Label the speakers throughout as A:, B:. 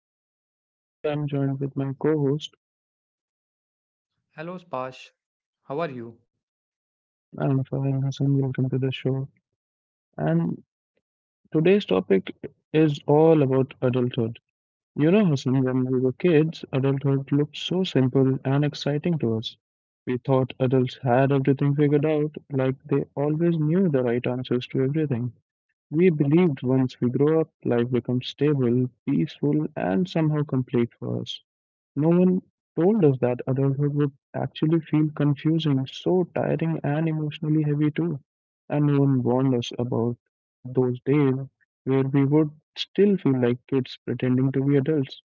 A: host Persh, and today I'm joined with my co-host
B: Hello, Spash. How are you?
A: Anfa Hassan. Welcome to the show. And today's topic is all about adulthood. You know Hassan, when we were kids, adulthood looked so simple and exciting to us. We thought adults had everything figured out, like they always knew the right answers to everything. We believed once we grow up, life becomes stable, peaceful, and somehow complete for us. No one told us that adulthood would actually feel confusing, so tiring and emotionally heavy too. And no one warned us about those days where we would still feel like kids pretending to be adults.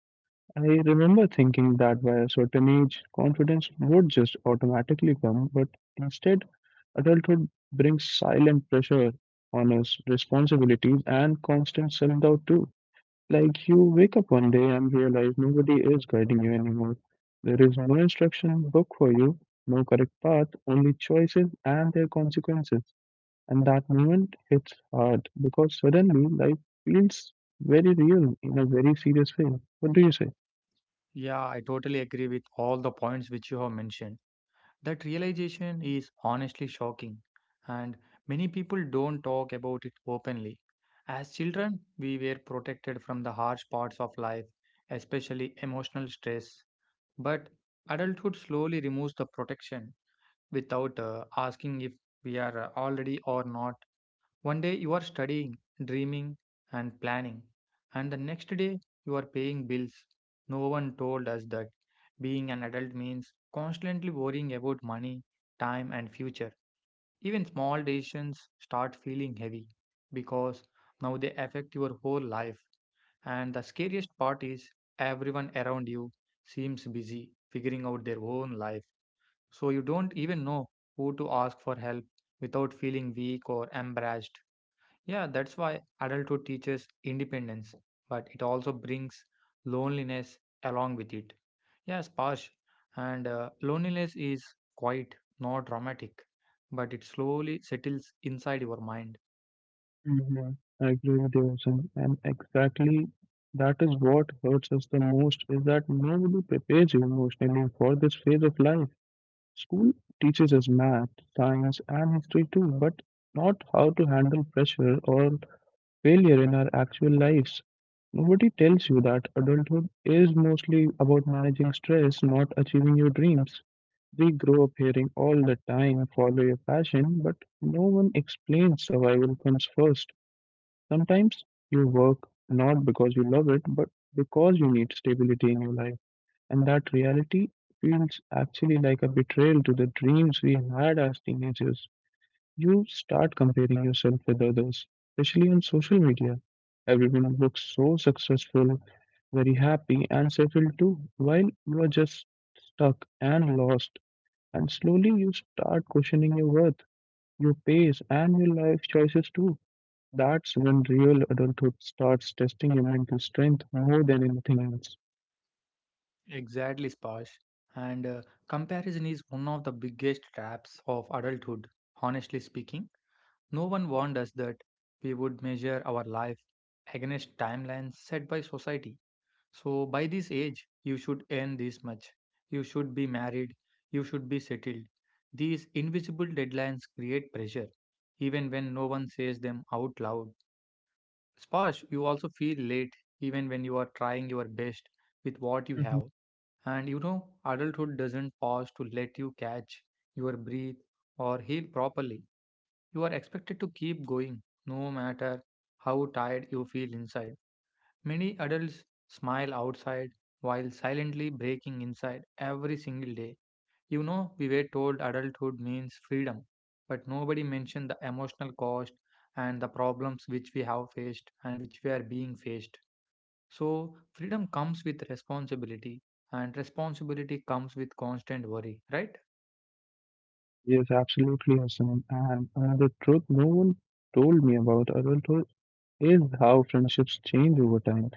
A: I remember thinking that by a certain age, confidence would just automatically come, but instead, adulthood brings silent pressure on us, responsibilities, and constant self doubt too. Like you wake up one day and realize nobody is guiding you anymore. There is no instruction book for you, no correct path, only choices and their consequences. And that moment hits hard because suddenly life feels very real in a very serious way. What do you say?
B: Yeah, I totally agree with all the points which you have mentioned. That realization is honestly shocking, and many people don't talk about it openly. As children, we were protected from the harsh parts of life, especially emotional stress. But adulthood slowly removes the protection without asking if we are already or not. One day you are studying, dreaming, and planning, and the next day you are paying bills. No one told us that being an adult means constantly worrying about money, time, and future. Even small decisions start feeling heavy because now they affect your whole life. And the scariest part is everyone around you seems busy figuring out their own life. So you don't even know who to ask for help without feeling weak or embarrassed. Yeah, that's why adulthood teaches independence, but it also brings loneliness along with it. Yes, Parsh, and loneliness is quite not dramatic, but it slowly settles inside your mind.
A: Hmm. I agree with you, Hussain. And exactly that is what hurts us the most is that nobody prepares you emotionally for this phase of life. School teaches us math, science, and history too, but not how to handle pressure or failure in our actual lives. Nobody tells you that adulthood is mostly about managing stress, not achieving your dreams. We grow up hearing all the time, follow your passion, but no one explains survival comes first. Sometimes you work not because you love it, but because you need stability in your life. And that reality feels actually like a betrayal to the dreams we had as teenagers. You start comparing yourself with others, especially on social media. Everyone looks so successful, very happy, and settled too, while you are just stuck and lost. And slowly you start questioning your worth, your pace, and your life choices too. That's when real adulthood starts testing your mental strength more than anything else.
B: Exactly, Sparsh. And comparison is one of the biggest traps of adulthood. Honestly speaking, no one warned us that we would measure our life against timelines set by society. So by this age, you should earn this much. You should be married. You should be settled. These invisible deadlines create pressure, even when no one says them out loud. Sparsh, you also feel late, even when you are trying your best with what you
A: Mhm.
B: have. And you know, adulthood doesn't pause to let you catch your breath or heal properly. You are expected to keep going, no matter how tired you feel inside. Many adults smile outside while silently breaking inside every single day. You know, we were told adulthood means freedom, but nobody mentioned the emotional cost and the problems which we have faced and which we are being faced. So, freedom comes with responsibility, and responsibility comes with constant worry, right?
A: Yes, absolutely, Hassan. And another truth no one told me about adulthood is how friendships change over time.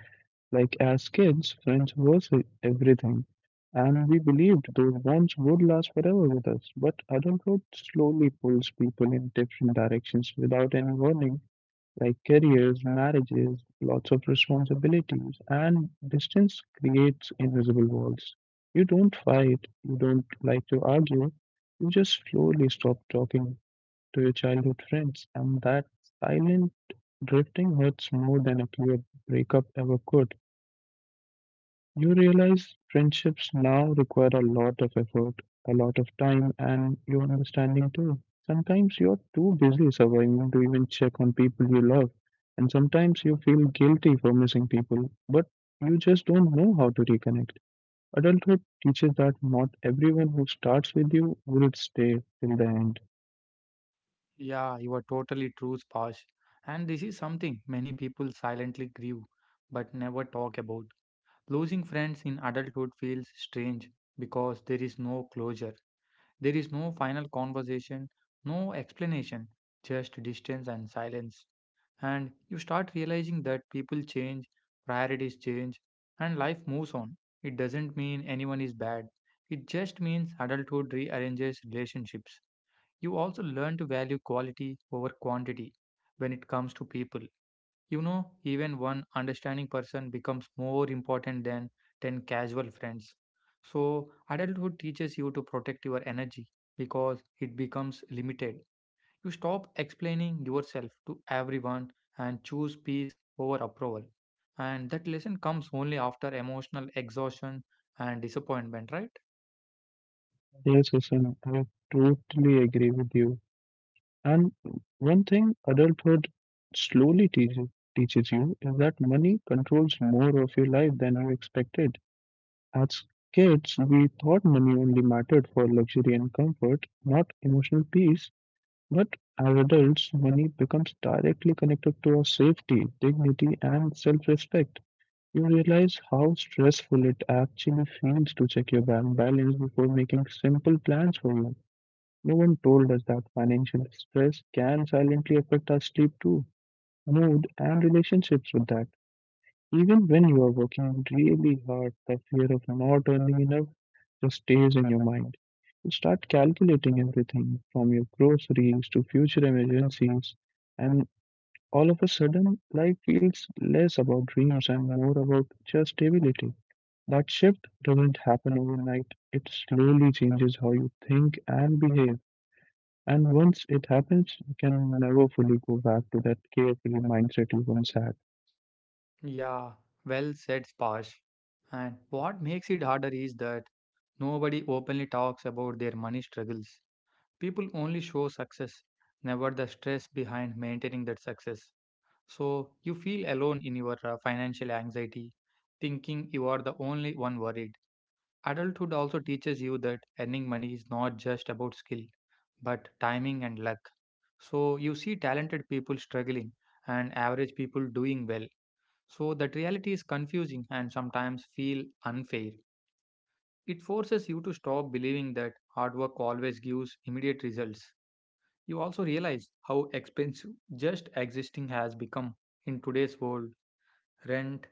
A: Like as kids, everything, and we believed those bonds would last forever with us. But adulthood slowly pulls people in different directions without any warning, like careers, marriages, lots of responsibilities, and distance creates invisible walls. You don't fight, you don't like to argue, you just slowly stop talking to your childhood friends, and that silent drifting hurts more than a clear breakup ever could. You realize friendships now require a lot of effort, a lot of time, and your understanding too. Sometimes you're too busy surviving to even check on people you love, and sometimes you feel guilty for missing people, but you just don't know how to reconnect. Adulthood teaches that not everyone who starts with you will stay till the end.
B: Yeah, you are totally true, Spash. And this is something many people silently grieve but never talk about. Losing friends in adulthood feels strange because there is no closure. There is no final conversation, no explanation, just distance and silence. And you start realizing that people change, priorities change, and life moves on. It doesn't mean anyone is bad, it just means adulthood rearranges relationships. You also learn to value quality over quantity when it comes to people. You know, even one understanding person becomes more important than 10 casual friends. So, adulthood teaches you to protect your energy because it becomes limited. You stop explaining yourself to everyone and choose peace over approval. And that lesson comes only after emotional exhaustion and disappointment, right?
A: Yes, Susan, I totally agree with you. And one thing adulthood slowly teaches you is that money controls more of your life than are expected. As kids, we thought money only mattered for luxury and comfort, not emotional peace. But as adults, money becomes directly connected to our safety, dignity, and self-respect. You realize how stressful it actually feels to check your bank balance before making simple plans for you. No one told us that financial stress can silently affect our sleep too, mood, and relationships with that. Even when you are working really hard, the fear of not earning enough just stays in your mind. You start calculating everything from your groceries to future emergencies, and all of a sudden, life feels less about dreams and more about just stability. That shift doesn't happen overnight, it slowly changes how you think and behave. And once it happens, you can never fully go back to that careful mindset you once had.
B: Yeah, well said, Spash. And what makes it harder is that nobody openly talks about their money struggles. People only show success, never the stress behind maintaining that success. So you feel alone in your financial anxiety, thinking you are the only one worried. Adulthood also teaches you that earning money is not just about skill, but timing and luck. So you see talented people struggling and average people doing well. So that reality is confusing and sometimes feel unfair. It forces you to stop believing that hard work always gives immediate results. You also realize how expensive just existing has become in today's world. Rent,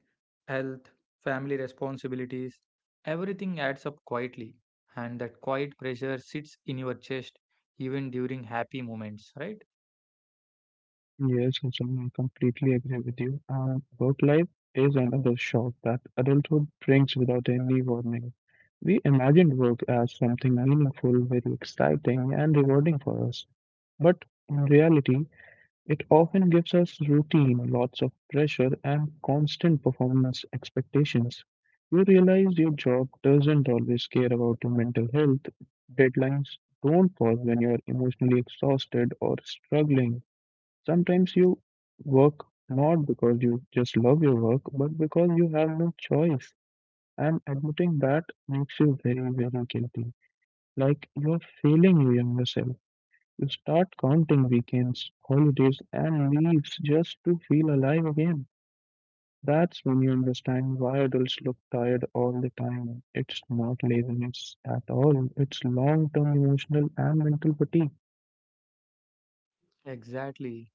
B: health, family responsibilities, everything adds up quietly, and that quiet pressure sits in your chest even during happy moments, right?
A: Yes, Hussain, I completely agree with you. Work life is another shock that adulthood brings without any warning. We imagined work as something meaningful, very exciting, and rewarding for us. But in reality, it often gives us routine, lots of pressure, and constant performance expectations. You realize your job doesn't always care about your mental health. Deadlines don't pause when you're emotionally exhausted or struggling. Sometimes you work not because you just love your work, but because you have no choice. And admitting that makes you very, very guilty. Like you're failing you in yourself. We start counting weekends, holidays, and leaves just to feel alive again. That's when you understand why adults look tired all the time. It's not laziness at all, it's long term emotional and mental fatigue.
B: Exactly.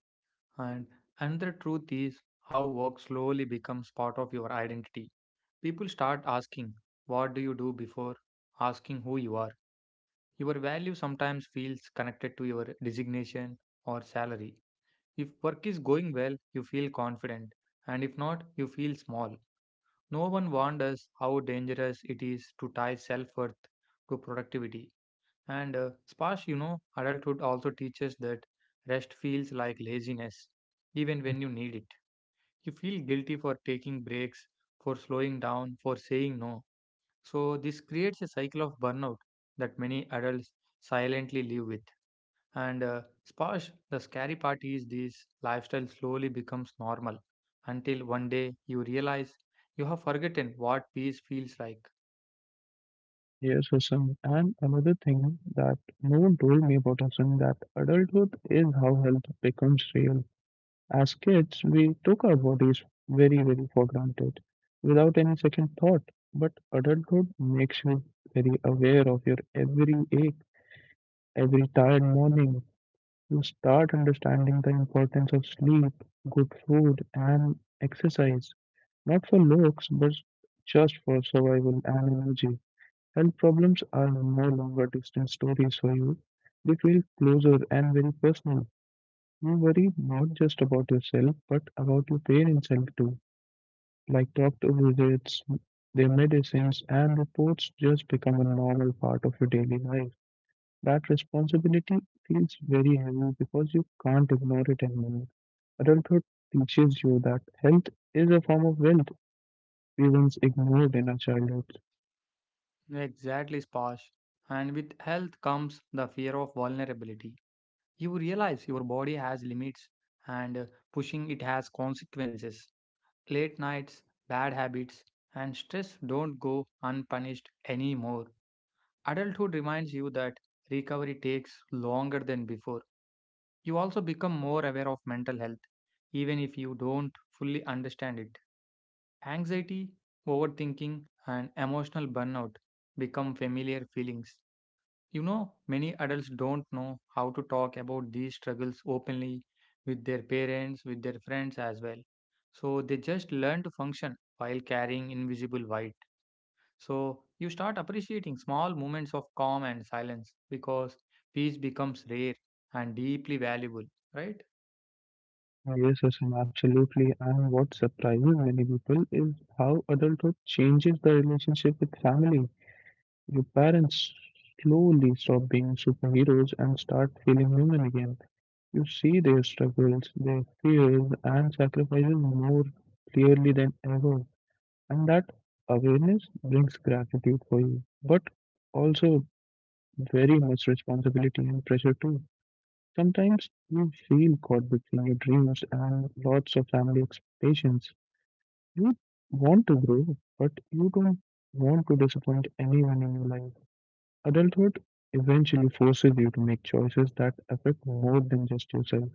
B: And another truth is how work slowly becomes part of your identity. People start asking, what do you do before asking who you are? Your value sometimes feels connected to your designation or salary. If work is going well, you feel confident, and if not, you feel small. No one warned us how dangerous it is to tie self worth to productivity. And sparse, you know, adulthood also teaches that rest feels like laziness, even when you need it. You feel guilty for taking breaks, for slowing down, for saying no. So, this creates a cycle of burnout that many adults silently live with. And Sposh, the scary part is this lifestyle slowly becomes normal until one day you realize you have forgotten what peace feels like.
A: Yes, Hassan. And another thing that no one told me about Hassan that adulthood is how health becomes real. As kids, we took our bodies very, very for granted without any second thought. But adulthood makes you very aware of your every ache, every tired morning. You start understanding the importance of sleep, good food, and exercise, not for looks, but just for survival and energy. Health problems are no longer distant stories for you, they feel closer and very personal. You worry not just about yourself, but about your parents' health too. Like doctor visits, their medicines, and reports just become a normal part of your daily life. That responsibility feels very heavy because you can't ignore it anymore. Adulthood teaches you that health is a form of wealth we once ignored in our childhood.
B: Exactly, Sposh. And with health comes the fear of vulnerability. You realize your body has limits and pushing it has consequences. Late nights, bad habits, and stress don't go unpunished anymore. Adulthood reminds you that recovery takes longer than before. You also become more aware of mental health, even if you don't fully understand it. Anxiety, overthinking, and emotional burnout become familiar feelings. You know, many adults don't know how to talk about these struggles openly with their parents, with their friends as well. So they just learn to function while carrying invisible weight. So you start appreciating small moments of calm and silence because peace becomes rare and deeply valuable, right?
A: Yes, Asim, absolutely. And what surprises many people is how adulthood changes the relationship with family. Your parents slowly stop being superheroes and start feeling human again. You see their struggles, their fears, and sacrifices more clearly than ever. And that awareness brings gratitude for you, but also very much responsibility and pressure too. Sometimes you feel caught between your dreams and lots of family expectations. You want to grow, but you don't want to disappoint anyone in your life. Adulthood eventually forces you to make choices that affect more than just yourself.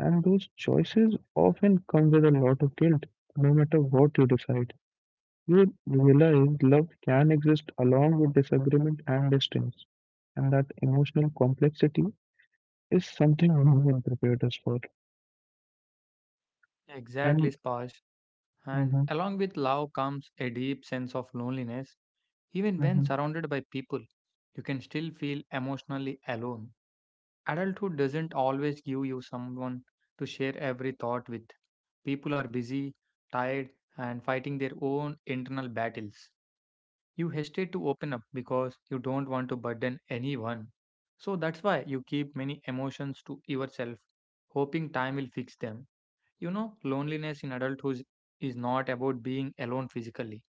A: And those choices often come with a lot of guilt, no matter what you decide. You realize love can exist along with disagreement and distance, and that emotional complexity is something no one prepared us for.
B: Exactly,
A: And
B: Spash. And
A: hmm.
B: along with love comes a deep sense of loneliness. Even when
A: Hmm.
B: surrounded by people, you can still feel emotionally alone. Adulthood doesn't always give you someone to share every thought with. People are busy, tired, and fighting their own internal battles. You hesitate to open up because you don't want to burden anyone. So that's why you keep many emotions to yourself, hoping time will fix them. You know, loneliness in adulthood is not about being alone physically.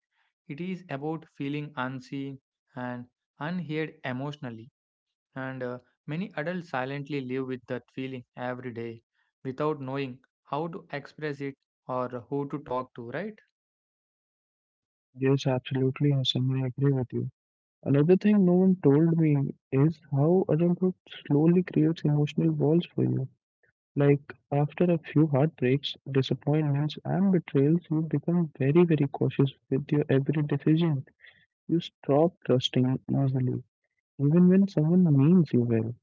B: It is about feeling unseen and unheard emotionally. And many adults silently live with that feeling every day without knowing how to express it or who to talk to, right?
A: Yes, absolutely, Hassan, I agree with you. Another thing no one told me is how adulthood slowly creates emotional walls for you. Like after a few heartbreaks, disappointments, and betrayals, you become very, very cautious with your every decision. You stop trusting easily, even when someone means you well.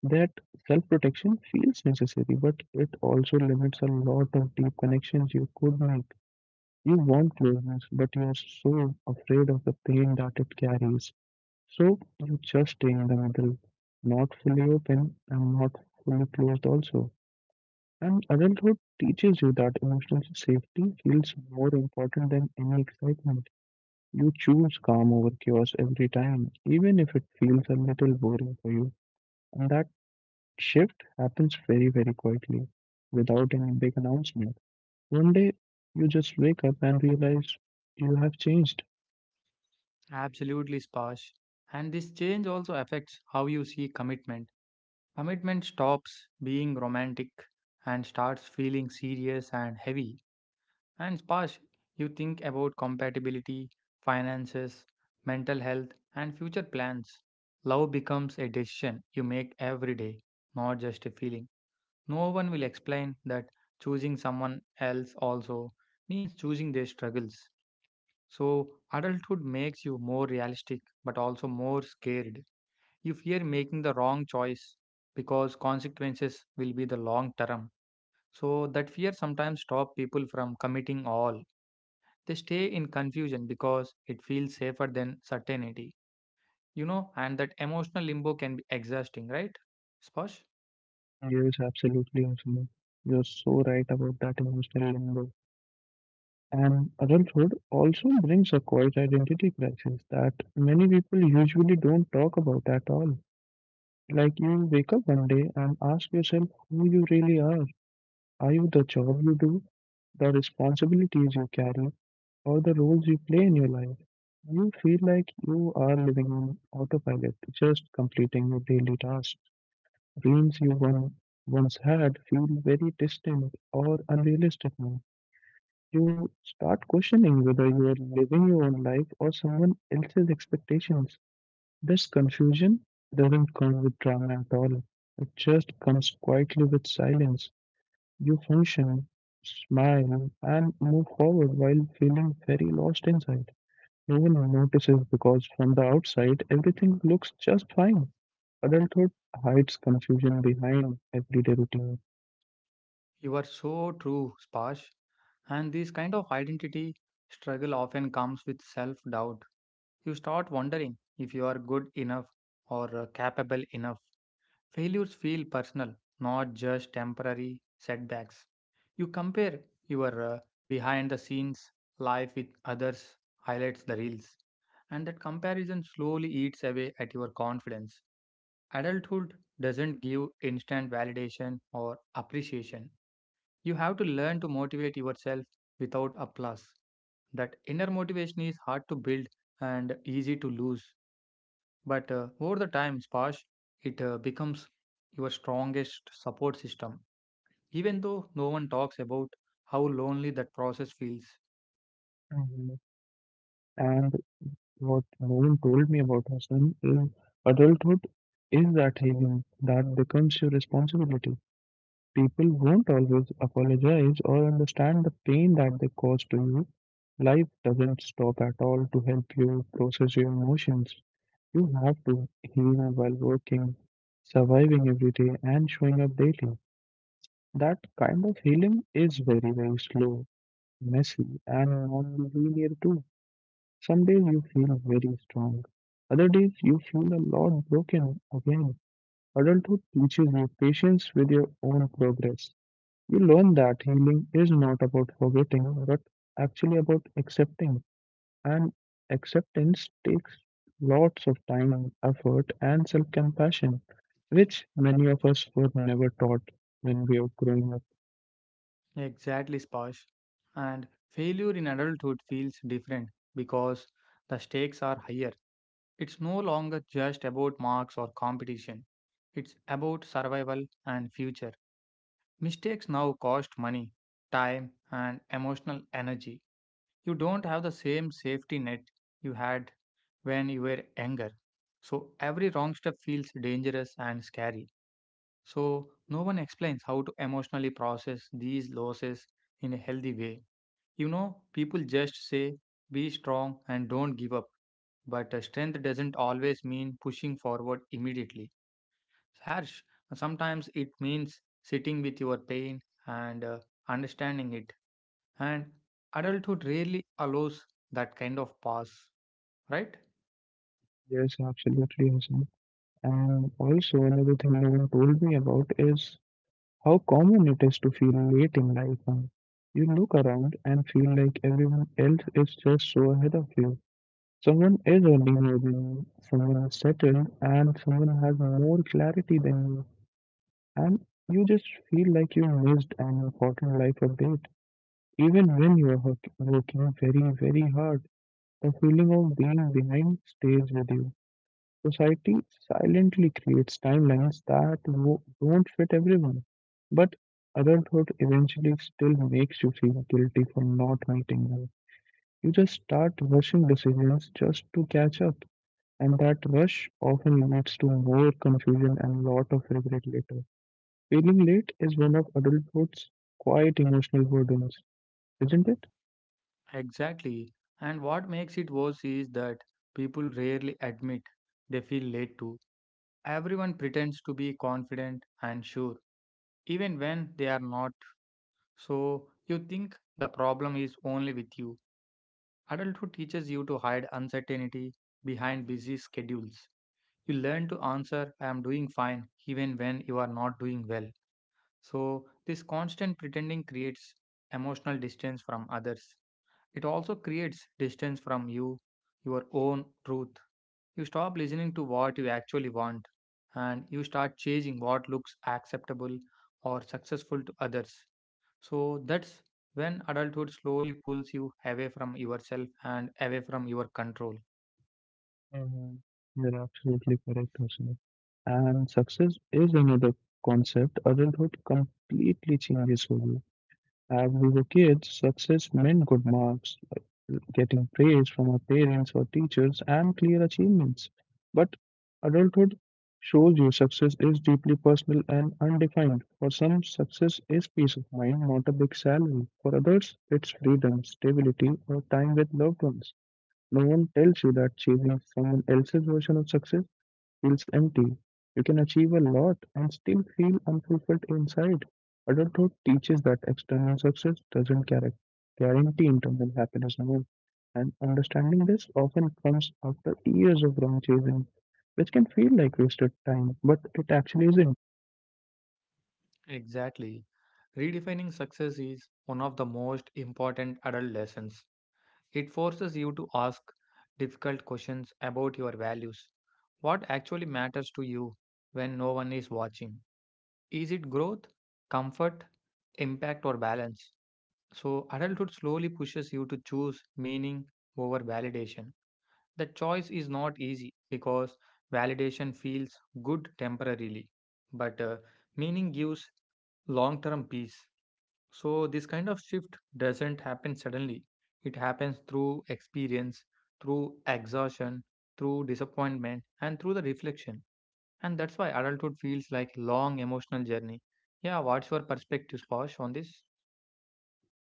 A: That self protection feels necessary, but it also limits a lot of deep connections you could make. You want closeness, but you are so afraid of the pain that it carries. So you just stay in the middle, not fully open and not fully closed, also. And adulthood teaches you that emotional safety feels more important than any excitement. You choose calm over chaos every time, even if it feels a little boring for you. And that shift happens very, very quietly, without any big announcement. One day, you just wake up and realize you have changed.
B: Absolutely, Spash. And this change also affects how you see commitment. Commitment stops being romantic and starts feeling serious and heavy. And Spash, you think about compatibility, finances, mental health, and future plans. Love becomes a decision you make every day, not just a feeling. No one will explain that choosing someone else also means choosing their struggles. So, adulthood makes you more realistic but also more scared. You fear making the wrong choice because consequences will be the long term. So, that fear sometimes stops people from committing all. They stay in confusion because it feels safer than certainty. You know, and that emotional limbo can be exhausting, right, Spash?
A: There is absolutely nothing. You're so right about that emotional limbo. And adulthood also brings a quiet identity crisis that many people usually don't talk about at all. Like you wake up one day and ask yourself who you really are. Are you the job you do, the responsibilities you carry, or the roles you play in your life? You feel like you are living on autopilot, just completing your daily tasks. Dreams you once had feel very distant or unrealistic now. You start questioning whether you are living your own life or someone else's expectations. This confusion doesn't come with drama at all. It just comes quietly with silence. You function, smile, and move forward while feeling very lost inside. No one notices because from the outside everything looks just fine. Adulthood hides confusion behind everyday routine.
B: You are so true, Spash. And this kind of identity struggle often comes with self doubt. You start wondering if you are good enough or capable enough. Failures feel personal, not just temporary setbacks. You compare your behind the scenes life with others, highlights the reels, and that comparison slowly eats away at your confidence. Adulthood doesn't give instant validation or appreciation. You have to learn to motivate yourself without applause. That inner motivation is hard to build and easy to lose. But over the time, Spash, it becomes your strongest support system, even though no one talks about how lonely that process feels.
A: Mhm. What Nolan told me about her son is adulthood is that healing that becomes your responsibility. People won't always apologize or understand the pain that they cause to you. Life doesn't stop at all to help you process your emotions. You have to heal while working, surviving every day, and showing up daily. That kind of healing is very, very slow, messy, and non linear too. Some days you feel very strong, other days you feel a lot broken again. Adulthood teaches you patience with your own progress. You learn that healing is not about forgetting, but actually about accepting. And acceptance takes lots of time and effort and self compassion, which many of us were never taught when we were growing up.
B: Exactly, Spash. And failure in adulthood feels different because the stakes are higher. It's no longer just about marks or competition, it's about survival and future. Mistakes now cost money, time, and emotional energy. You don't have the same safety net you had when you were younger. So every wrong step feels dangerous and scary. So no one explains how to emotionally process these losses in a healthy way. You know, people just say, be strong and don't give up. But strength doesn't always mean pushing forward immediately. Harsh, sometimes it means sitting with your pain and understanding it, and adulthood rarely allows that kind of pause, right?
A: Yes, absolutely. Hasan. And also, another thing no one told me about is how common it is to feel late in life now. You look around and feel like everyone else is just so ahead of you. Someone is earning more than you, someone is settled, and someone has more clarity than you. And you just feel like you missed an important life update. Even when you are working very, very hard, the feeling of being behind stays with you. Society silently creates timelines that don't fit everyone, but adulthood eventually still makes you feel guilty for not meeting them. You just start rushing decisions just to catch up, and that rush often leads to more confusion and lot of regret later. Feeling late is one of adulthood's quite emotional burdens, isn't it?
B: Exactly. And what makes it worse is that people rarely admit they feel late too. Everyone pretends to be confident and sure, even when they are not. So you think the problem is only with you. Adulthood teaches you to hide uncertainty behind busy schedules. You learn to answer, I am doing fine, even when you are not doing well. So, this constant pretending creates emotional distance from others. It also creates distance from you, your own truth. You stop listening to what you actually want and you start chasing what looks acceptable or successful to others. So, that's when adulthood slowly pulls you away from yourself and away from your control.
A: Mhm. You're absolutely correct, Hasna. And success is another concept adulthood completely changes for you. As we were kids, success meant good marks, like getting praise from our parents or teachers, and clear achievements. But adulthood shows you success is deeply personal and undefined. For some, success is peace of mind, not a big salary. For others, it's freedom, stability, or time with loved ones. No one tells you that chasing someone else's version of success feels empty. You can achieve a lot and still feel unfulfilled inside. Adulthood teaches that external success doesn't guar- guarantee internal happiness alone, and understanding this often comes after years of wrong chasing, which can feel like wasted time, but it actually isn't.
B: Exactly. Redefining success is one of the most important adult lessons. It forces you to ask difficult questions about your values. What actually matters to you when no one is watching? Is it growth, comfort, impact, or balance? So, adulthood slowly pushes you to choose meaning over validation. The choice is not easy because validation feels good temporarily, but meaning gives long term peace. So, this kind of shift doesn't happen suddenly. It happens through experience, through exhaustion, through disappointment, and through the reflection. And that's why adulthood feels like long emotional journey. Yeah, what's your perspective, Sposh, on this?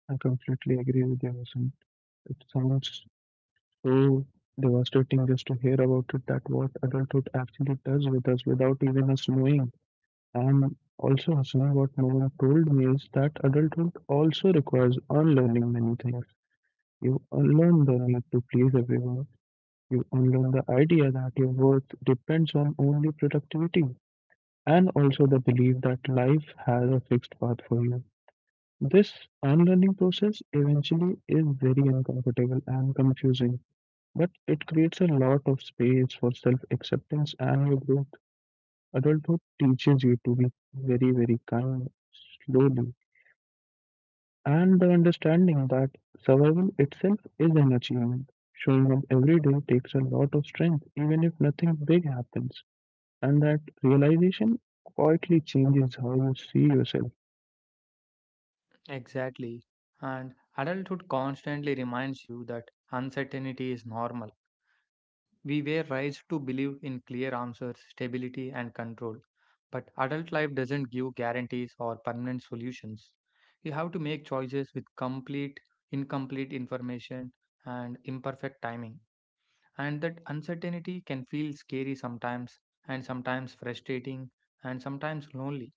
A: I completely agree with you, Vasant. It sounds so devastating just to hear about it that what adulthood actually does with us without even us knowing. And also, Hasna, what no one told me is that adulthood also requires unlearning many things. You unlearn the need to please everyone. You unlearn the idea that your worth depends on only productivity, and also the belief that life has a fixed path for you. This unlearning process eventually is very uncomfortable and confusing, but it creates a lot of space for self acceptance and your growth. Adulthood teaches you to be very, very kind, slowly, and the understanding that survival itself is an achievement. Showing up every day takes a lot of strength, even if nothing big happens, and that realization quietly changes how you see yourself.
B: Exactly. And adulthood constantly reminds you that uncertainty is normal. We were raised to believe in clear answers, stability, and control. But adult life doesn't give guarantees or permanent solutions. You have to make choices with incomplete information and imperfect timing. And that uncertainty can feel scary sometimes, and sometimes frustrating, and sometimes lonely.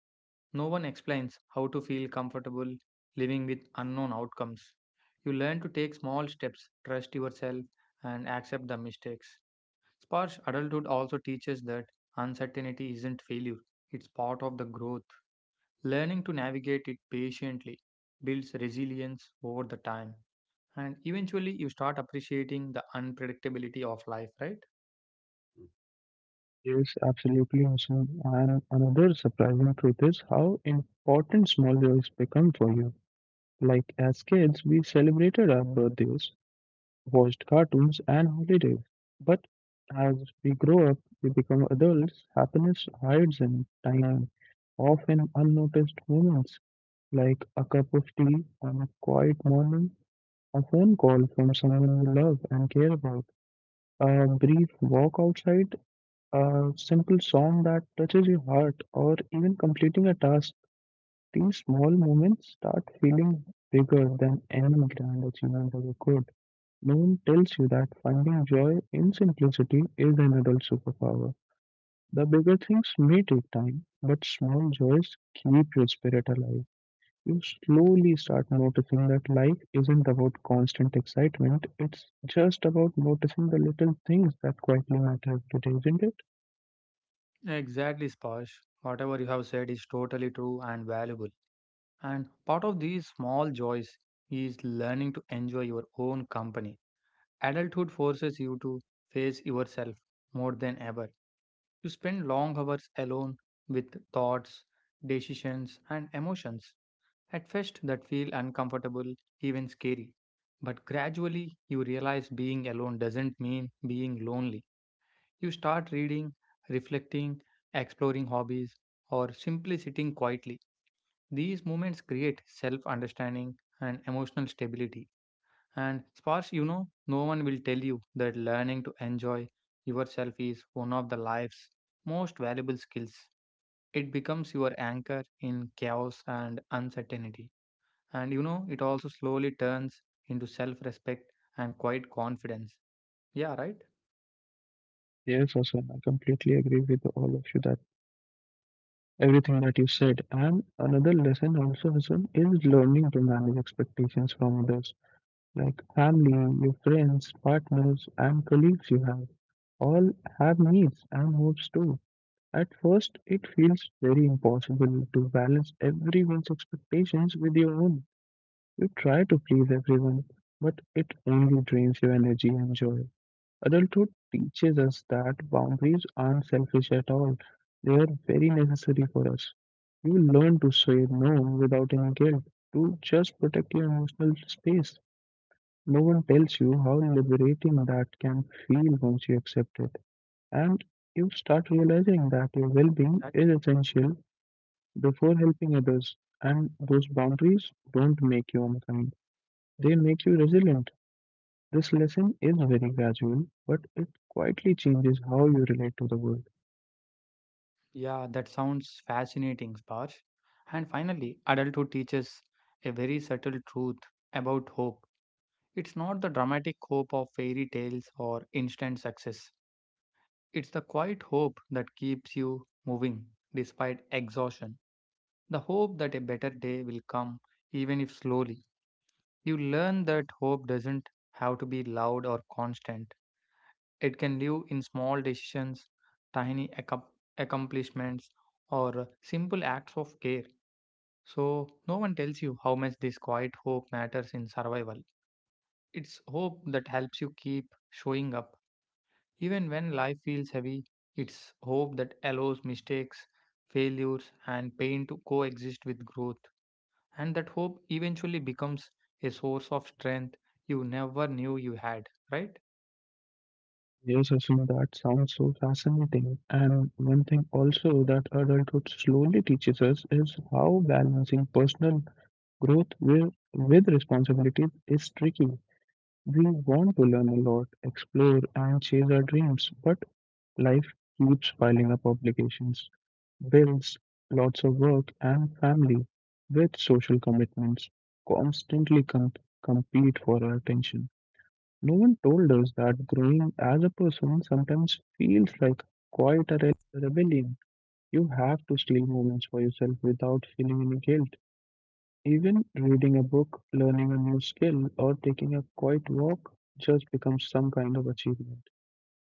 B: No one explains how to feel comfortable living with unknown outcomes. You learn to take small steps, trust yourself, and accept the mistakes. Sparse adulthood also teaches that uncertainty isn't failure, it's part of the growth. Learning to navigate it patiently builds resilience over the time. And eventually, you start appreciating the unpredictability of life, right?
A: Yes, absolutely awesome. And another surprising truth is how important small joys become for you. Like as kids, we celebrated our birthdays, watched cartoons, and holidays. But as we grow up, we become adults, happiness hides in tiny, often unnoticed moments like a cup of tea on a quiet morning, a phone call from someone you love and care about, a brief walk outside, a simple song that touches your heart, or even completing a task. These small moments start feeling bigger than any grand achievement ever could. No one tells you that finding joy in simplicity is an adult superpower. The bigger things may take time, but small joys keep your spirit alive. You slowly start noticing that life isn't about constant excitement, it's just about noticing the little things that quietly matter today, isn't it?
B: Exactly, Sparsh. Whatever you have said is totally true and valuable. And part of these small joys is learning to enjoy your own company. Adulthood forces you to face yourself more than ever. You spend long hours alone with thoughts, decisions, and emotions. At first, that feel uncomfortable, even scary. But gradually, you realize being alone doesn't mean being lonely. You start reading, reflecting, exploring hobbies, or simply sitting quietly. These moments create self understanding and emotional stability. And sparse, you know, no one will tell you that learning to enjoy yourself is one of the life's most valuable skills. It becomes your anchor in chaos and uncertainty. And you know, it also slowly turns into self respect and quiet confidence. Yeah, right?
A: Yes, Hassan, I completely agree with all of you that everything that you said. And another lesson also, Hassan, is learning to manage expectations from others like family, your friends, partners, and colleagues you have. All have needs and hopes too. At first, it feels very impossible to balance everyone's expectations with your own. You try to please everyone, but it only drains your energy and joy. Adulthood teaches us that boundaries aren't selfish at all, they are very necessary for us. You learn to say no without any guilt, to just protect your emotional space. No one tells you how liberating that can feel once you
B: That,
A: accept it. And you start realizing that your well being is essential before helping others. And those boundaries don't make you unkind, they make you resilient. This lesson is very gradual, but it quietly changes how you relate to the world.
B: yeah, that sounds fascinating, Sparsh. And finally, adulthood teaches a very subtle truth about hope. It's not the dramatic hope of fairy tales or instant success, it's the quiet hope that keeps you moving despite exhaustion. The hope that a better day will come, even if slowly. You learn that hope doesn't have to be loud or constant. It can live in small decisions, tiny accom- accomplishments, or simple acts of care. So, no one tells you how much this quiet hope matters in survival. It's hope that helps you keep showing up. Even when life feels heavy, it's hope that allows mistakes, failures, and pain to coexist with growth. And that hope eventually becomes a source of strength you never knew you had, right?
A: Yes, Asim, that sounds so fascinating. And one thing also that adulthood slowly teaches us is how balancing personal growth with responsibilities is tricky. We want to learn a lot, explore, and chase our dreams, but life keeps piling up obligations, bills, lots of work, and family with social commitments constantly com- compete for our attention. No one told us that growing as a person sometimes feels like quite a rebellion. You have to steal moments for yourself without feeling any guilt, even reading a book, learning a new skill, or taking a quiet walk just becomes some kind of achievement.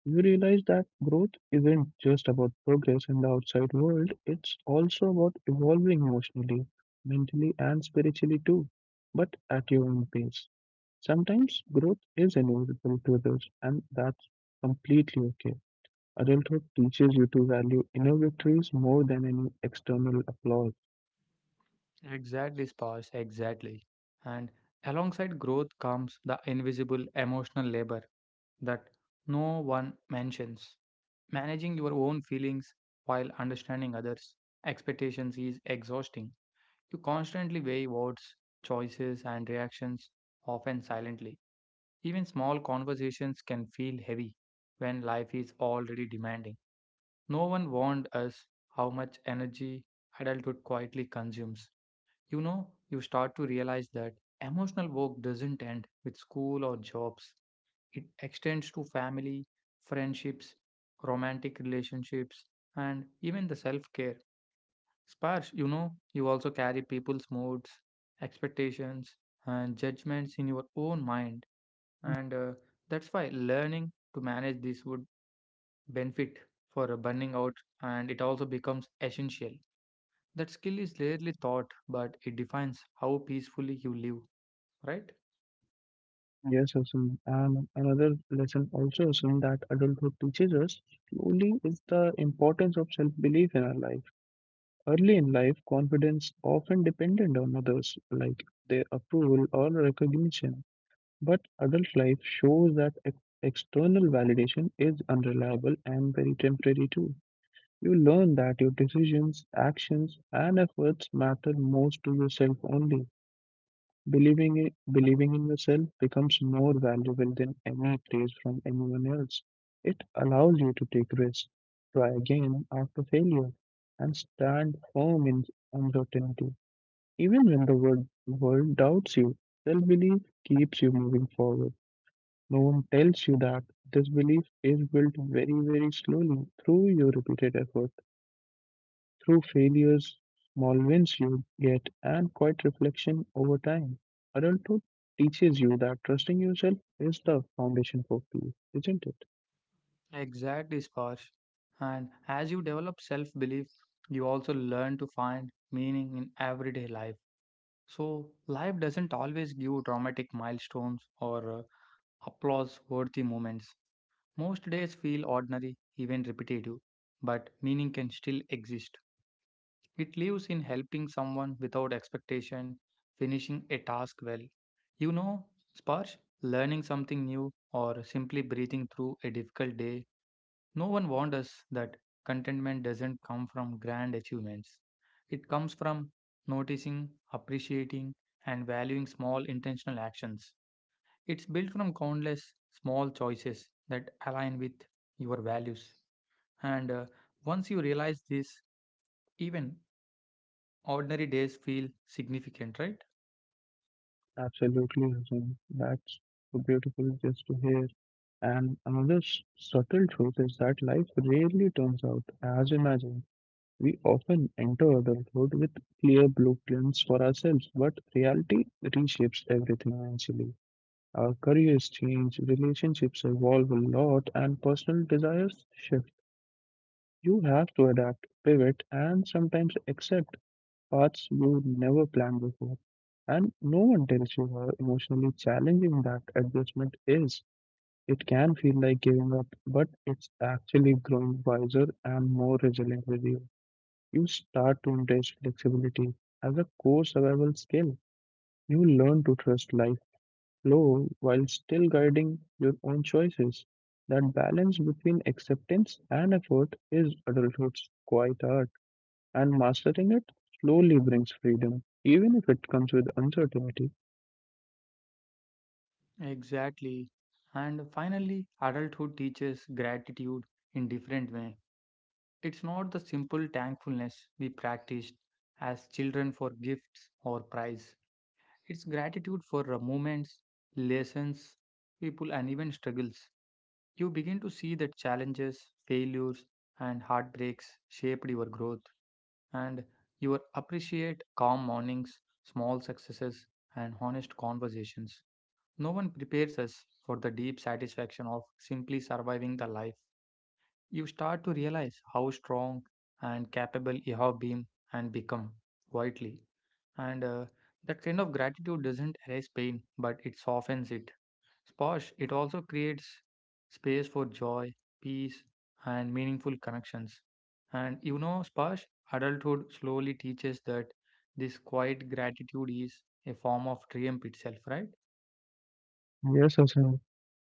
A: You realize that growth isn't just about progress in the outside world, it's also about evolving emotionally, mentally, and spiritually too, but at your own pace. Sometimes growth is inevitable to others, and that's completely okay. Adulthood teaches you to value inner victories more than any external applause.
B: Exactly, Spas, exactly. And alongside growth comes the invisible emotional labor that no one mentions. Managing your own feelings while understanding others' expectations is exhausting. You constantly weigh words, choices, and reactions, often silently. Even small conversations can feel heavy when life is already demanding. No one warned us how much energy adulthood quietly consumes. You know, you start to realize that emotional work doesn't end with school or jobs, it extends to family, friendships, romantic relationships, and even the self care. Sparse, you know, you also carry people's moods, expectations, and judgments in your own mind, and that's why learning to manage this would benefit for burning out and it also becomes essential. That skill is rarely taught, but it defines how peacefully you live, right?
A: Yes, Asim. And another lesson also, Asim, that adulthood teaches us slowly is the importance of self-belief in our life. Early in life, confidence often dependent on others, like their approval or recognition. But adult life shows that external validation is unreliable and very temporary too. You learn that your decisions, actions, and efforts matter most to yourself only. Believing it, believing in yourself becomes more valuable than any praise from anyone else. It allows you to take risks, try again after failure, and stand firm in uncertainty. Even when the world doubts you, self belief keeps you moving forward. No one tells you that this belief is built very, very slowly through your repeated effort. Through failures, small wins you get, and quiet reflection over time, adulthood teaches you that trusting yourself is the foundation for peace, isn't it?
B: Exactly, Sparsh. And as you develop self belief, you also learn to find meaning in everyday life. So, life doesn't always give dramatic milestones or applause worthy moments. Most days feel ordinary, even repetitive, but meaning can still exist. It lives in helping someone without expectation, finishing a task well. You know, Sparsh, learning something new or simply breathing through a difficult day, no one warned us that contentment doesn't come from grand achievements. It comes from noticing, appreciating, and valuing small intentional actions. It's built from countless small choices that align with your values. And Once you realize this, even ordinary days feel significant, right?
A: Absolutely, Hassan. That's so beautiful just to hear. And another subtle truth is that life rarely turns out as imagined. We often enter adulthood with clear blueprints for ourselves, but reality reshapes everything eventually. Our careers change, relationships evolve a lot, and personal desires shift. You have to adapt, pivot, and sometimes accept paths you never planned before. And no one tells you how emotionally challenging that adjustment is. It can feel like giving up, but it's actually growing wiser and more resilient with you. You start to embrace flexibility as a core survival skill. You learn to trust life low while still guiding your own choices. That balance between acceptance and effort is adulthood's quiet art, and mastering it slowly brings freedom, even if it comes with uncertainty.
B: Exactly. And finally, adulthood teaches gratitude in different way. It's not the simple thankfulness we practiced as children for gifts or prize. It's gratitude for moments, lessons, people, and even struggles. You begin to see that challenges, failures, and heartbreaks shaped your growth, and you appreciate calm mornings, small successes, and honest conversations. No one prepares us for the deep satisfaction of simply surviving the life. You start to realize how strong and capable you have been and become quietly. And That kind of gratitude doesn't erase pain, but it softens it. Sposh, it also creates space for joy, peace, and meaningful connections. And you know, Sposh, adulthood slowly teaches that this quiet gratitude is a form of triumph itself, right?
A: Yes, Hasan,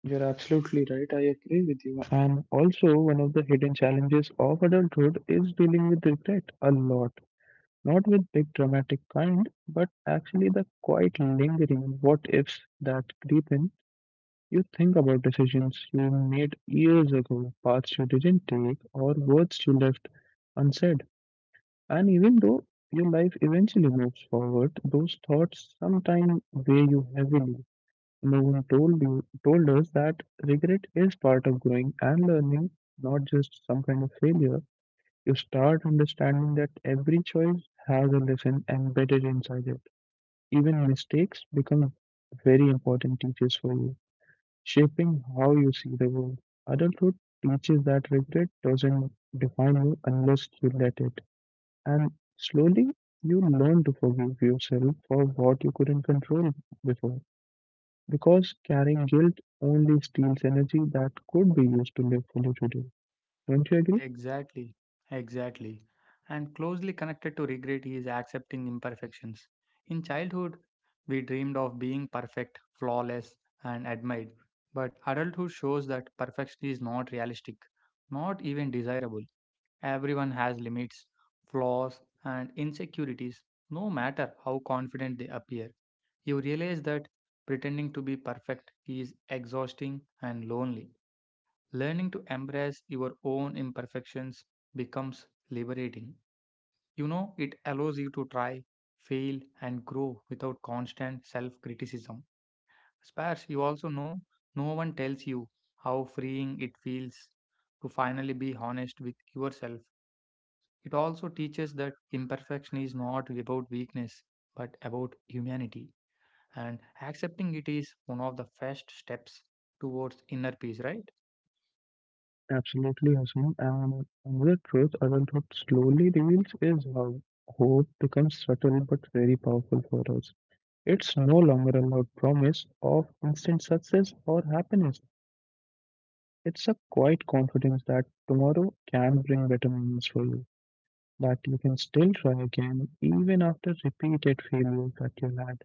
A: you're absolutely right. I agree with you. And also, one of the hidden challenges of adulthood is dealing with regret a lot. Not with big dramatic kind, but actually the quite lingering what ifs that creep in. You think about decisions you made years ago, paths you didn't take, or words you left unsaid. And even though your life eventually moves forward, those thoughts sometimes weigh you heavily. No one told you told us that regret is part of growing and learning, not just some kind of failure. You start understanding that every choice has a lesson embedded inside it. Even mistakes become very important teachers for you, shaping how you see the world. Adulthood teaches that regret doesn't define you unless you let it. And slowly, you learn to forgive yourself for what you couldn't control before. Because carrying guilt only steals energy that could be used to live fully today. Don't you agree?
B: Exactly, exactly. And closely connected to regret is accepting imperfections. In childhood, we dreamed of being perfect, flawless, and admired. But adulthood shows that perfection is not realistic, not even desirable. Everyone has limits, flaws, and insecurities, no matter how confident they appear. You realize that pretending to be perfect is exhausting and lonely. Learning to embrace your own imperfections becomes liberating. You know, it allows you to try, fail, and grow without constant self criticism. Spars, you also know no one tells you how freeing it feels to finally be honest with yourself. It also teaches that imperfection is not about weakness but about humanity, and accepting it is one of the first steps towards inner peace, right?
A: Absolutely, Hassan. And another truth adulthood slowly reveals is how hope becomes subtle but very powerful for us. It's no longer about promise of instant success or happiness. It's a quiet confidence that tomorrow can bring better moments for you, that you can still try again even after repeated failures that you had.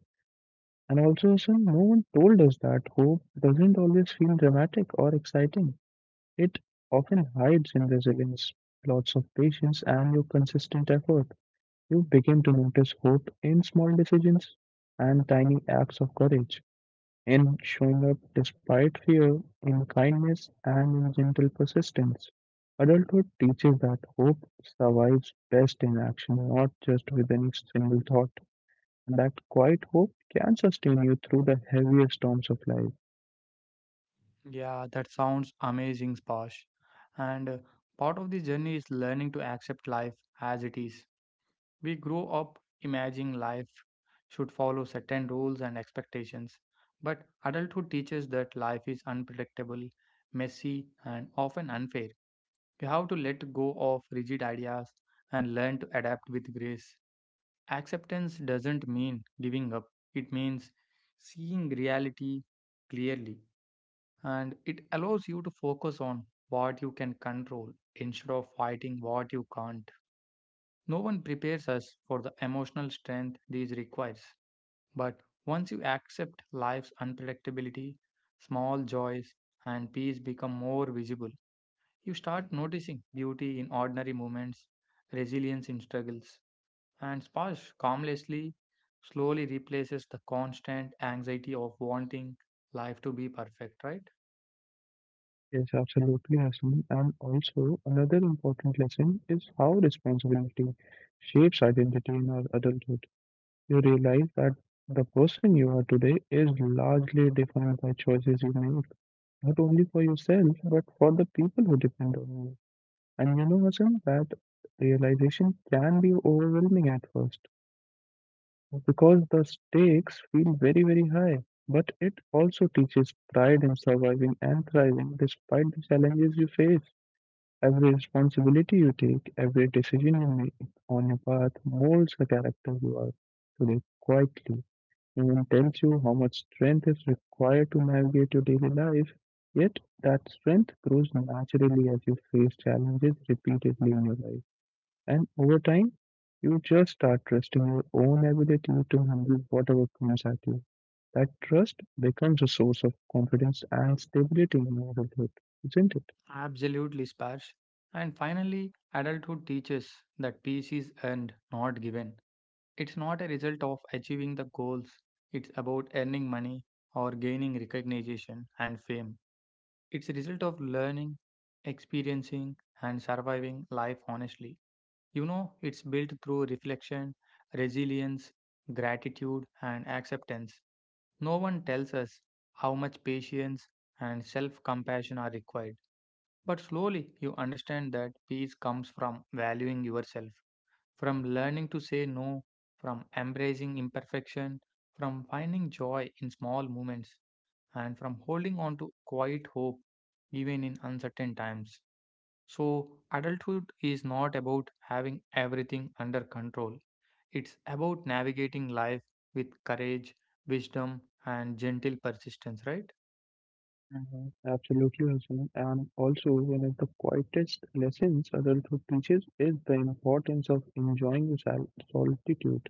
A: And also, some no one told us that hope doesn't always feel dramatic or exciting. It often hides in resilience, lots of patience, and your consistent effort. You begin to notice hope in small decisions and tiny acts of courage, in showing up despite fear, in kindness, and in gentle persistence. Adulthood teaches that hope survives best in action, not just with any single thought. And that quiet hope can sustain you through the heaviest storms of life.
B: Yeah, that sounds amazing, Spash. And Part of the journey is learning to accept life as it is. We grow up imagining life should follow certain rules and expectations, but adulthood teaches that life is unpredictable, messy, and often unfair. You have to let go of rigid ideas and learn to adapt with grace. Acceptance doesn't mean giving up, it means seeing reality clearly and it allows you to focus on what you can control instead of fighting what you can't. No one prepares us for the emotional strength these requires, but once you accept life's unpredictability, small joys and peace become more visible. You start noticing beauty in ordinary moments, resilience in struggles, and sparse calmlessly slowly replaces the constant anxiety of wanting life to be perfect, right?
A: Yes, absolutely, Hasan. And also, another important lesson is how responsibility shapes identity in our adulthood. You realize that the person you are today is largely defined by choices you made, not only for yourself, but for the people who depend on you. And you know, Hassan, that realization can be overwhelming at first because the stakes feel very, very high. But it also teaches pride in surviving and thriving despite the challenges you face. Every responsibility you take, every decision you make on your path molds the character you are today quietly. Even tells you how much strength is required to navigate your daily life, yet that strength grows naturally as you face challenges repeatedly in your life. And over time, you just start trusting your own ability to handle whatever comes at you. That trust becomes a source of confidence and stability in adulthood, isn't it?
B: Absolutely, Sparsh. And finally, adulthood teaches that peace is earned, not given. It's not a result of achieving the goals, it's about earning money or gaining recognition and fame. It's a result of learning, experiencing, and surviving life honestly. You know, it's built through reflection, resilience, gratitude, and acceptance. No one tells us how much patience and self compassion are required. But slowly you understand that peace comes from valuing yourself, from learning to say no, from embracing imperfection, from finding joy in small moments, and from holding on to quiet hope even in uncertain times. So, adulthood is not about having everything under control, it's about navigating life with courage, wisdom, and gentle persistence, right?
A: Absolutely, Hassan. And also, one of the quietest lessons adulthood teaches is the importance of enjoying your solitude.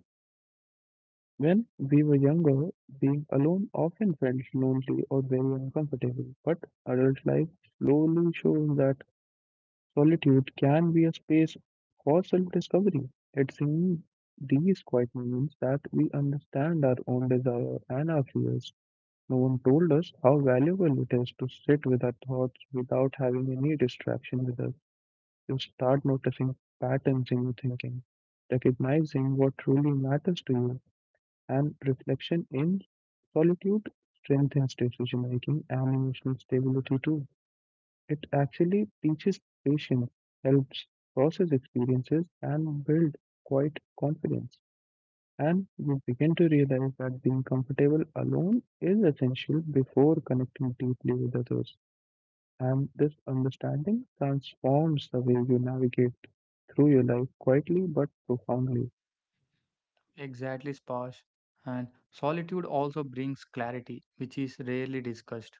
A: When we were younger, being alone often felt lonely or very uncomfortable, but adult life slowly shows that solitude can be a space for self discovery. It's in these quiet moments that we understand our own desire and our fears. No one told us how valuable it is to sit with our thoughts without having any distraction with us. You start noticing patterns in your thinking, recognizing what truly matters to you, and reflection in solitude strengthens decision making and emotional stability too. It actually teaches patience, helps process experiences, and build quiet confidence. And you begin to realize that being comfortable alone is essential before connecting deeply with others. And this understanding transforms the way you navigate through your life quietly but profoundly.
B: Exactly, Spash. And solitude also brings clarity, which is rarely discussed.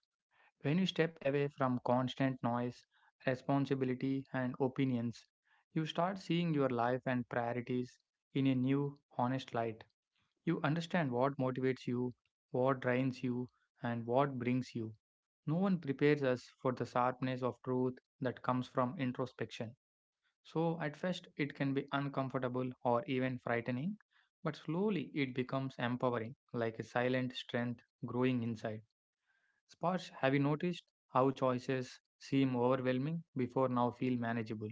B: When you step away from constant noise, responsibility, and opinions, you start seeing your life and priorities in a new, honest light. You understand what motivates you, what drains you, and what brings you. No one prepares us for the sharpness of truth that comes from introspection. So, at first, it can be uncomfortable or even frightening, but slowly it becomes empowering, like a silent strength growing inside. Sparsh, have you noticed how choices seem overwhelming before now feel manageable?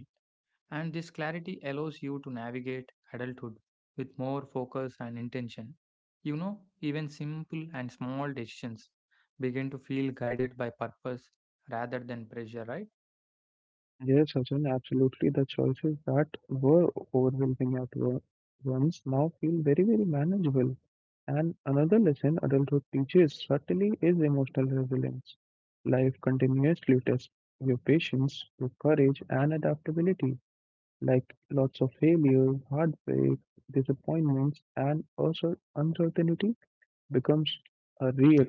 B: And this clarity allows you to navigate adulthood with more focus and intention. You know, even simple and small decisions begin to feel guided by purpose rather than pressure, right?
A: Yes, Sachin, absolutely. The choices that were overwhelming at once now feel very, very manageable. And another lesson adulthood teaches subtly is emotional resilience. Life continuously tests your patience, your courage, and adaptability. Like lots of failures, heartbreak, disappointments, and also uncertainty becomes a real,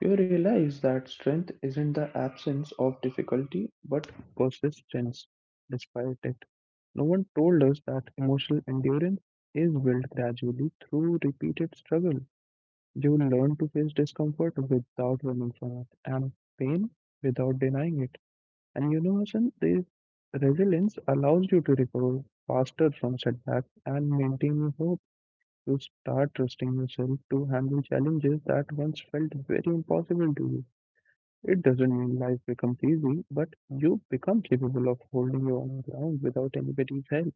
A: you realize that strength isn't the absence of difficulty, but persistence despite it. No one told us that emotional endurance is built gradually through repeated struggle. You learn to face discomfort without running from it, and pain without denying it. And you know, Hassan, this resilience allows you to recover faster from setbacks and maintain your hope. You start trusting yourself to handle challenges that once felt very impossible to you. It doesn't mean life becomes easy, but you become capable of holding your own ground without anybody's help,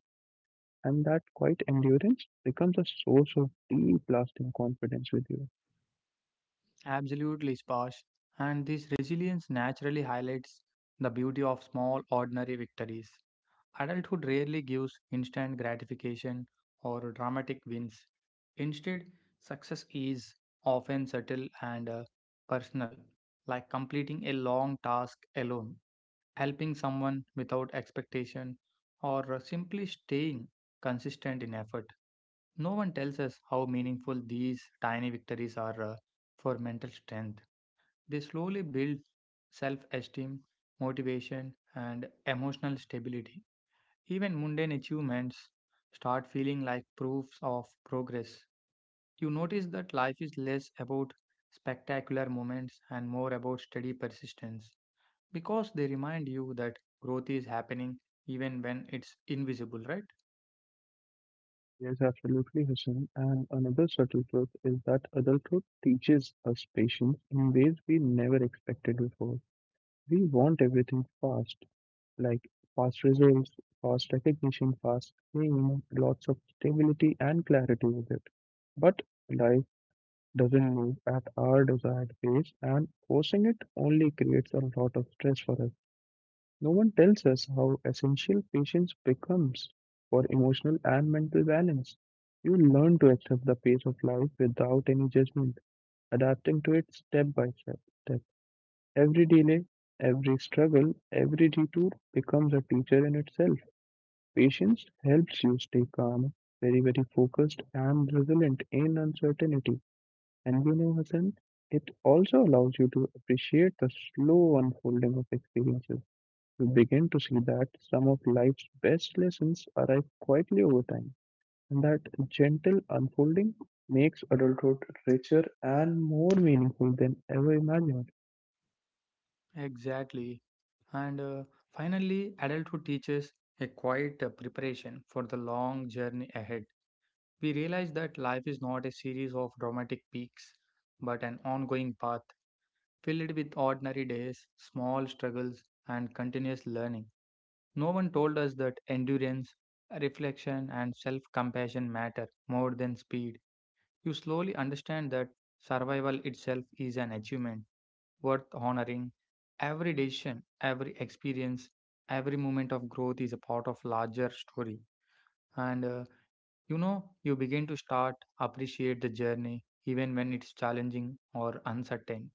A: and that quiet endurance becomes a source of deep lasting confidence with you.
B: Absolutely, Spash. And this resilience naturally highlights the beauty of small, ordinary victories. Adulthood rarely gives instant gratification or dramatic wins. Instead, success is often subtle and personal, like completing a long task alone, helping someone without expectation, or simply staying consistent in effort. No one tells us how meaningful these tiny victories are for mental strength they slowly build self esteem, motivation, and emotional stability. Even mundane achievements start feeling like proofs of progress. You notice that life is less about spectacular moments and more about steady persistence because they remind you that growth is happening even when it's invisible, right?
A: Yes, absolutely, Hassan. And another subtle truth is that adulthood teaches us patience in ways we never expected before. We want everything fast, like fast results, fast recognition, fast fame, lots of stability and clarity with it. But life doesn't move at our desired pace, and forcing it only creates a lot of stress for us. No one tells us how essential patience becomes for emotional and mental balance. You learn to accept the pace of life without any judgment, adapting to it step by step. Every delay, every struggle, every detour becomes a teacher in itself. Patience helps you stay calm, very, very focused, and resilient in uncertainty. And you know, Hassan, it also allows you to appreciate the slow unfolding of experiences. You begin to see that some of life's best lessons arrive quietly over time, and that gentle unfolding makes adulthood richer and more meaningful than ever imagined.
B: Exactly. And Finally, adulthood teaches a quiet preparation for the long journey ahead. We realize that life is not a series of dramatic peaks, but an ongoing path filled with ordinary days, small struggles, and continuous learning. No one told us that endurance, reflection, and self compassion matter more than speed. You slowly understand that survival itself is an achievement worth honoring. Every decision, every experience, every moment of growth is a part of larger story. And You know, you begin to start appreciate the journey even when it's challenging or uncertain.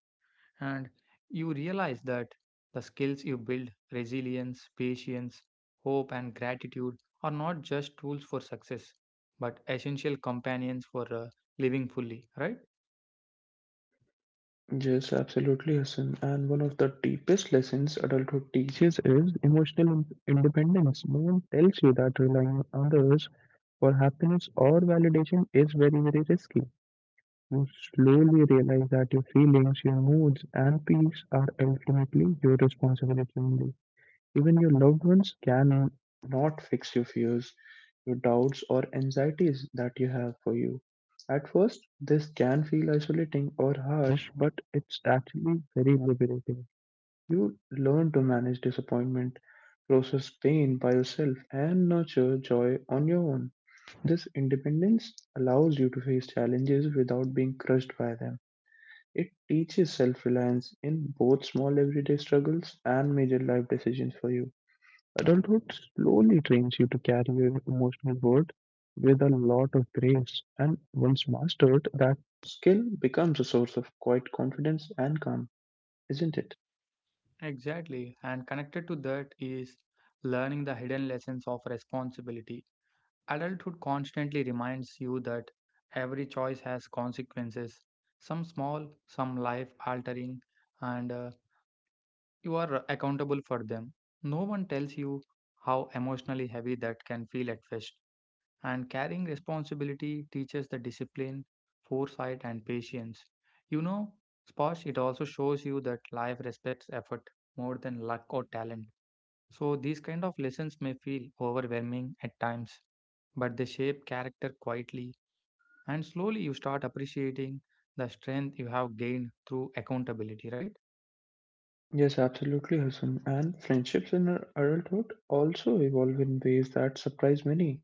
B: And you realize that the skills you build, resilience, patience, hope, and gratitude, are not just tools for success, but essential companions for living fully, right?
A: Yes, absolutely, Hassan. And one of the deepest lessons adulthood teaches is emotional independence. No one tells you that relying on others for happiness or validation is very, very risky. You slowly realize that your feelings, your moods, and peace are ultimately your responsibility only. Even your loved ones can not fix your fears, your doubts, or anxieties that you have for you. At first, this can feel isolating or harsh, but it's actually very liberating. You learn to manage disappointment, process pain by yourself, and nurture joy on your own. This independence allows you to face challenges without being crushed by them. It teaches self-reliance in both small everyday struggles and major life decisions for you. Adulthood slowly trains you to carry your emotional load with a lot of grace, and once mastered, that skill becomes a source of quiet confidence and calm, isn't it?
B: Exactly. And connected to that is learning the hidden lessons of responsibility. Adulthood constantly reminds you that every choice has consequences, some small, some life altering, and you are accountable for them. No one tells you how emotionally heavy that can feel at first, and carrying responsibility teaches the discipline, foresight, and patience. You know, Sposh, it also shows you that life respects effort more than luck or talent. So these kind of lessons may feel overwhelming at times, but they shape character quietly and slowly you start appreciating the strength you have gained through accountability, right?
A: Yes, absolutely, Hassan. And friendships in our adulthood also evolve in ways that surprise many.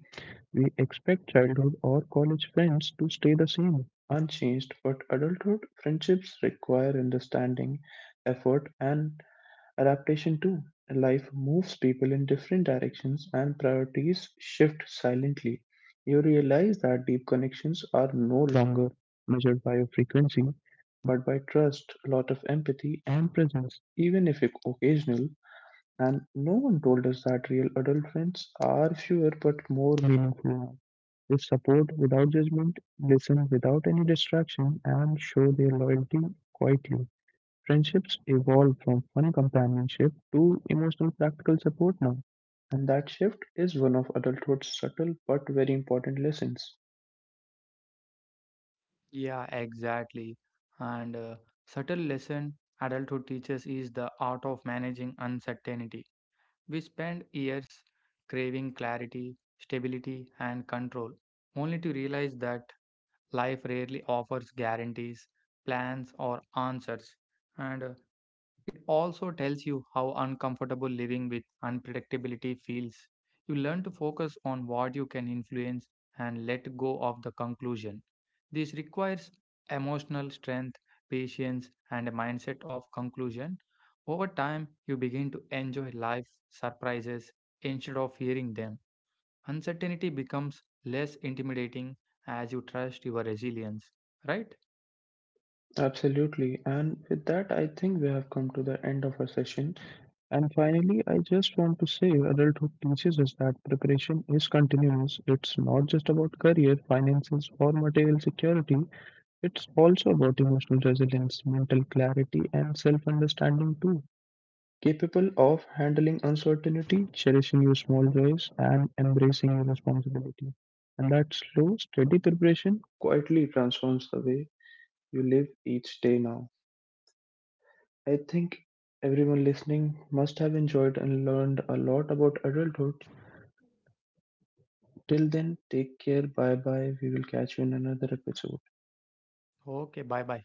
A: We expect childhood or college friends to stay the same, unchanged, but adulthood friendships require understanding, effort, and adaptation too. Life moves people in different directions and priorities shift silently. You realize that deep connections are no longer measured by your frequency, but by trust, a lot of empathy, and presence, even if occasional. And no one told us that real adult friends are fewer but more meaningful now. They support without judgment, listen without any distraction, and show their loyalty quietly. Friendships evolve from fun companionship to emotional practical support now, and that shift is one of adulthood's subtle but very important lessons.
B: Yeah, exactly. And Subtle lesson adulthood teaches is the art of managing uncertainty. We spend years craving clarity, stability and control only to realize that life rarely offers guarantees, plans or answers. And It also tells you how uncomfortable living with unpredictability feels. You learn to focus on what you can influence and let go of the conclusion. This requires emotional strength, patience, and a mindset of conclusion. Over time, you begin to enjoy life's surprises instead of fearing them. Uncertainty becomes less intimidating as you trust your resilience. Right?
A: Absolutely, and with that, I think we have come to the end of our session. And finally, I just want to say adulthood teaches us that preparation is continuous. It's not just about career, finances, or material security, it's also about emotional resilience, mental clarity, and self understanding too. Capable of handling uncertainty, cherishing your small joys, and embracing your responsibility. And that slow, steady preparation quietly transforms the way you live each day now. I think everyone listening must have enjoyed and learned a lot about adulthood. Till then, take care. Bye bye. We will catch you in another episode.
B: Okay, bye bye.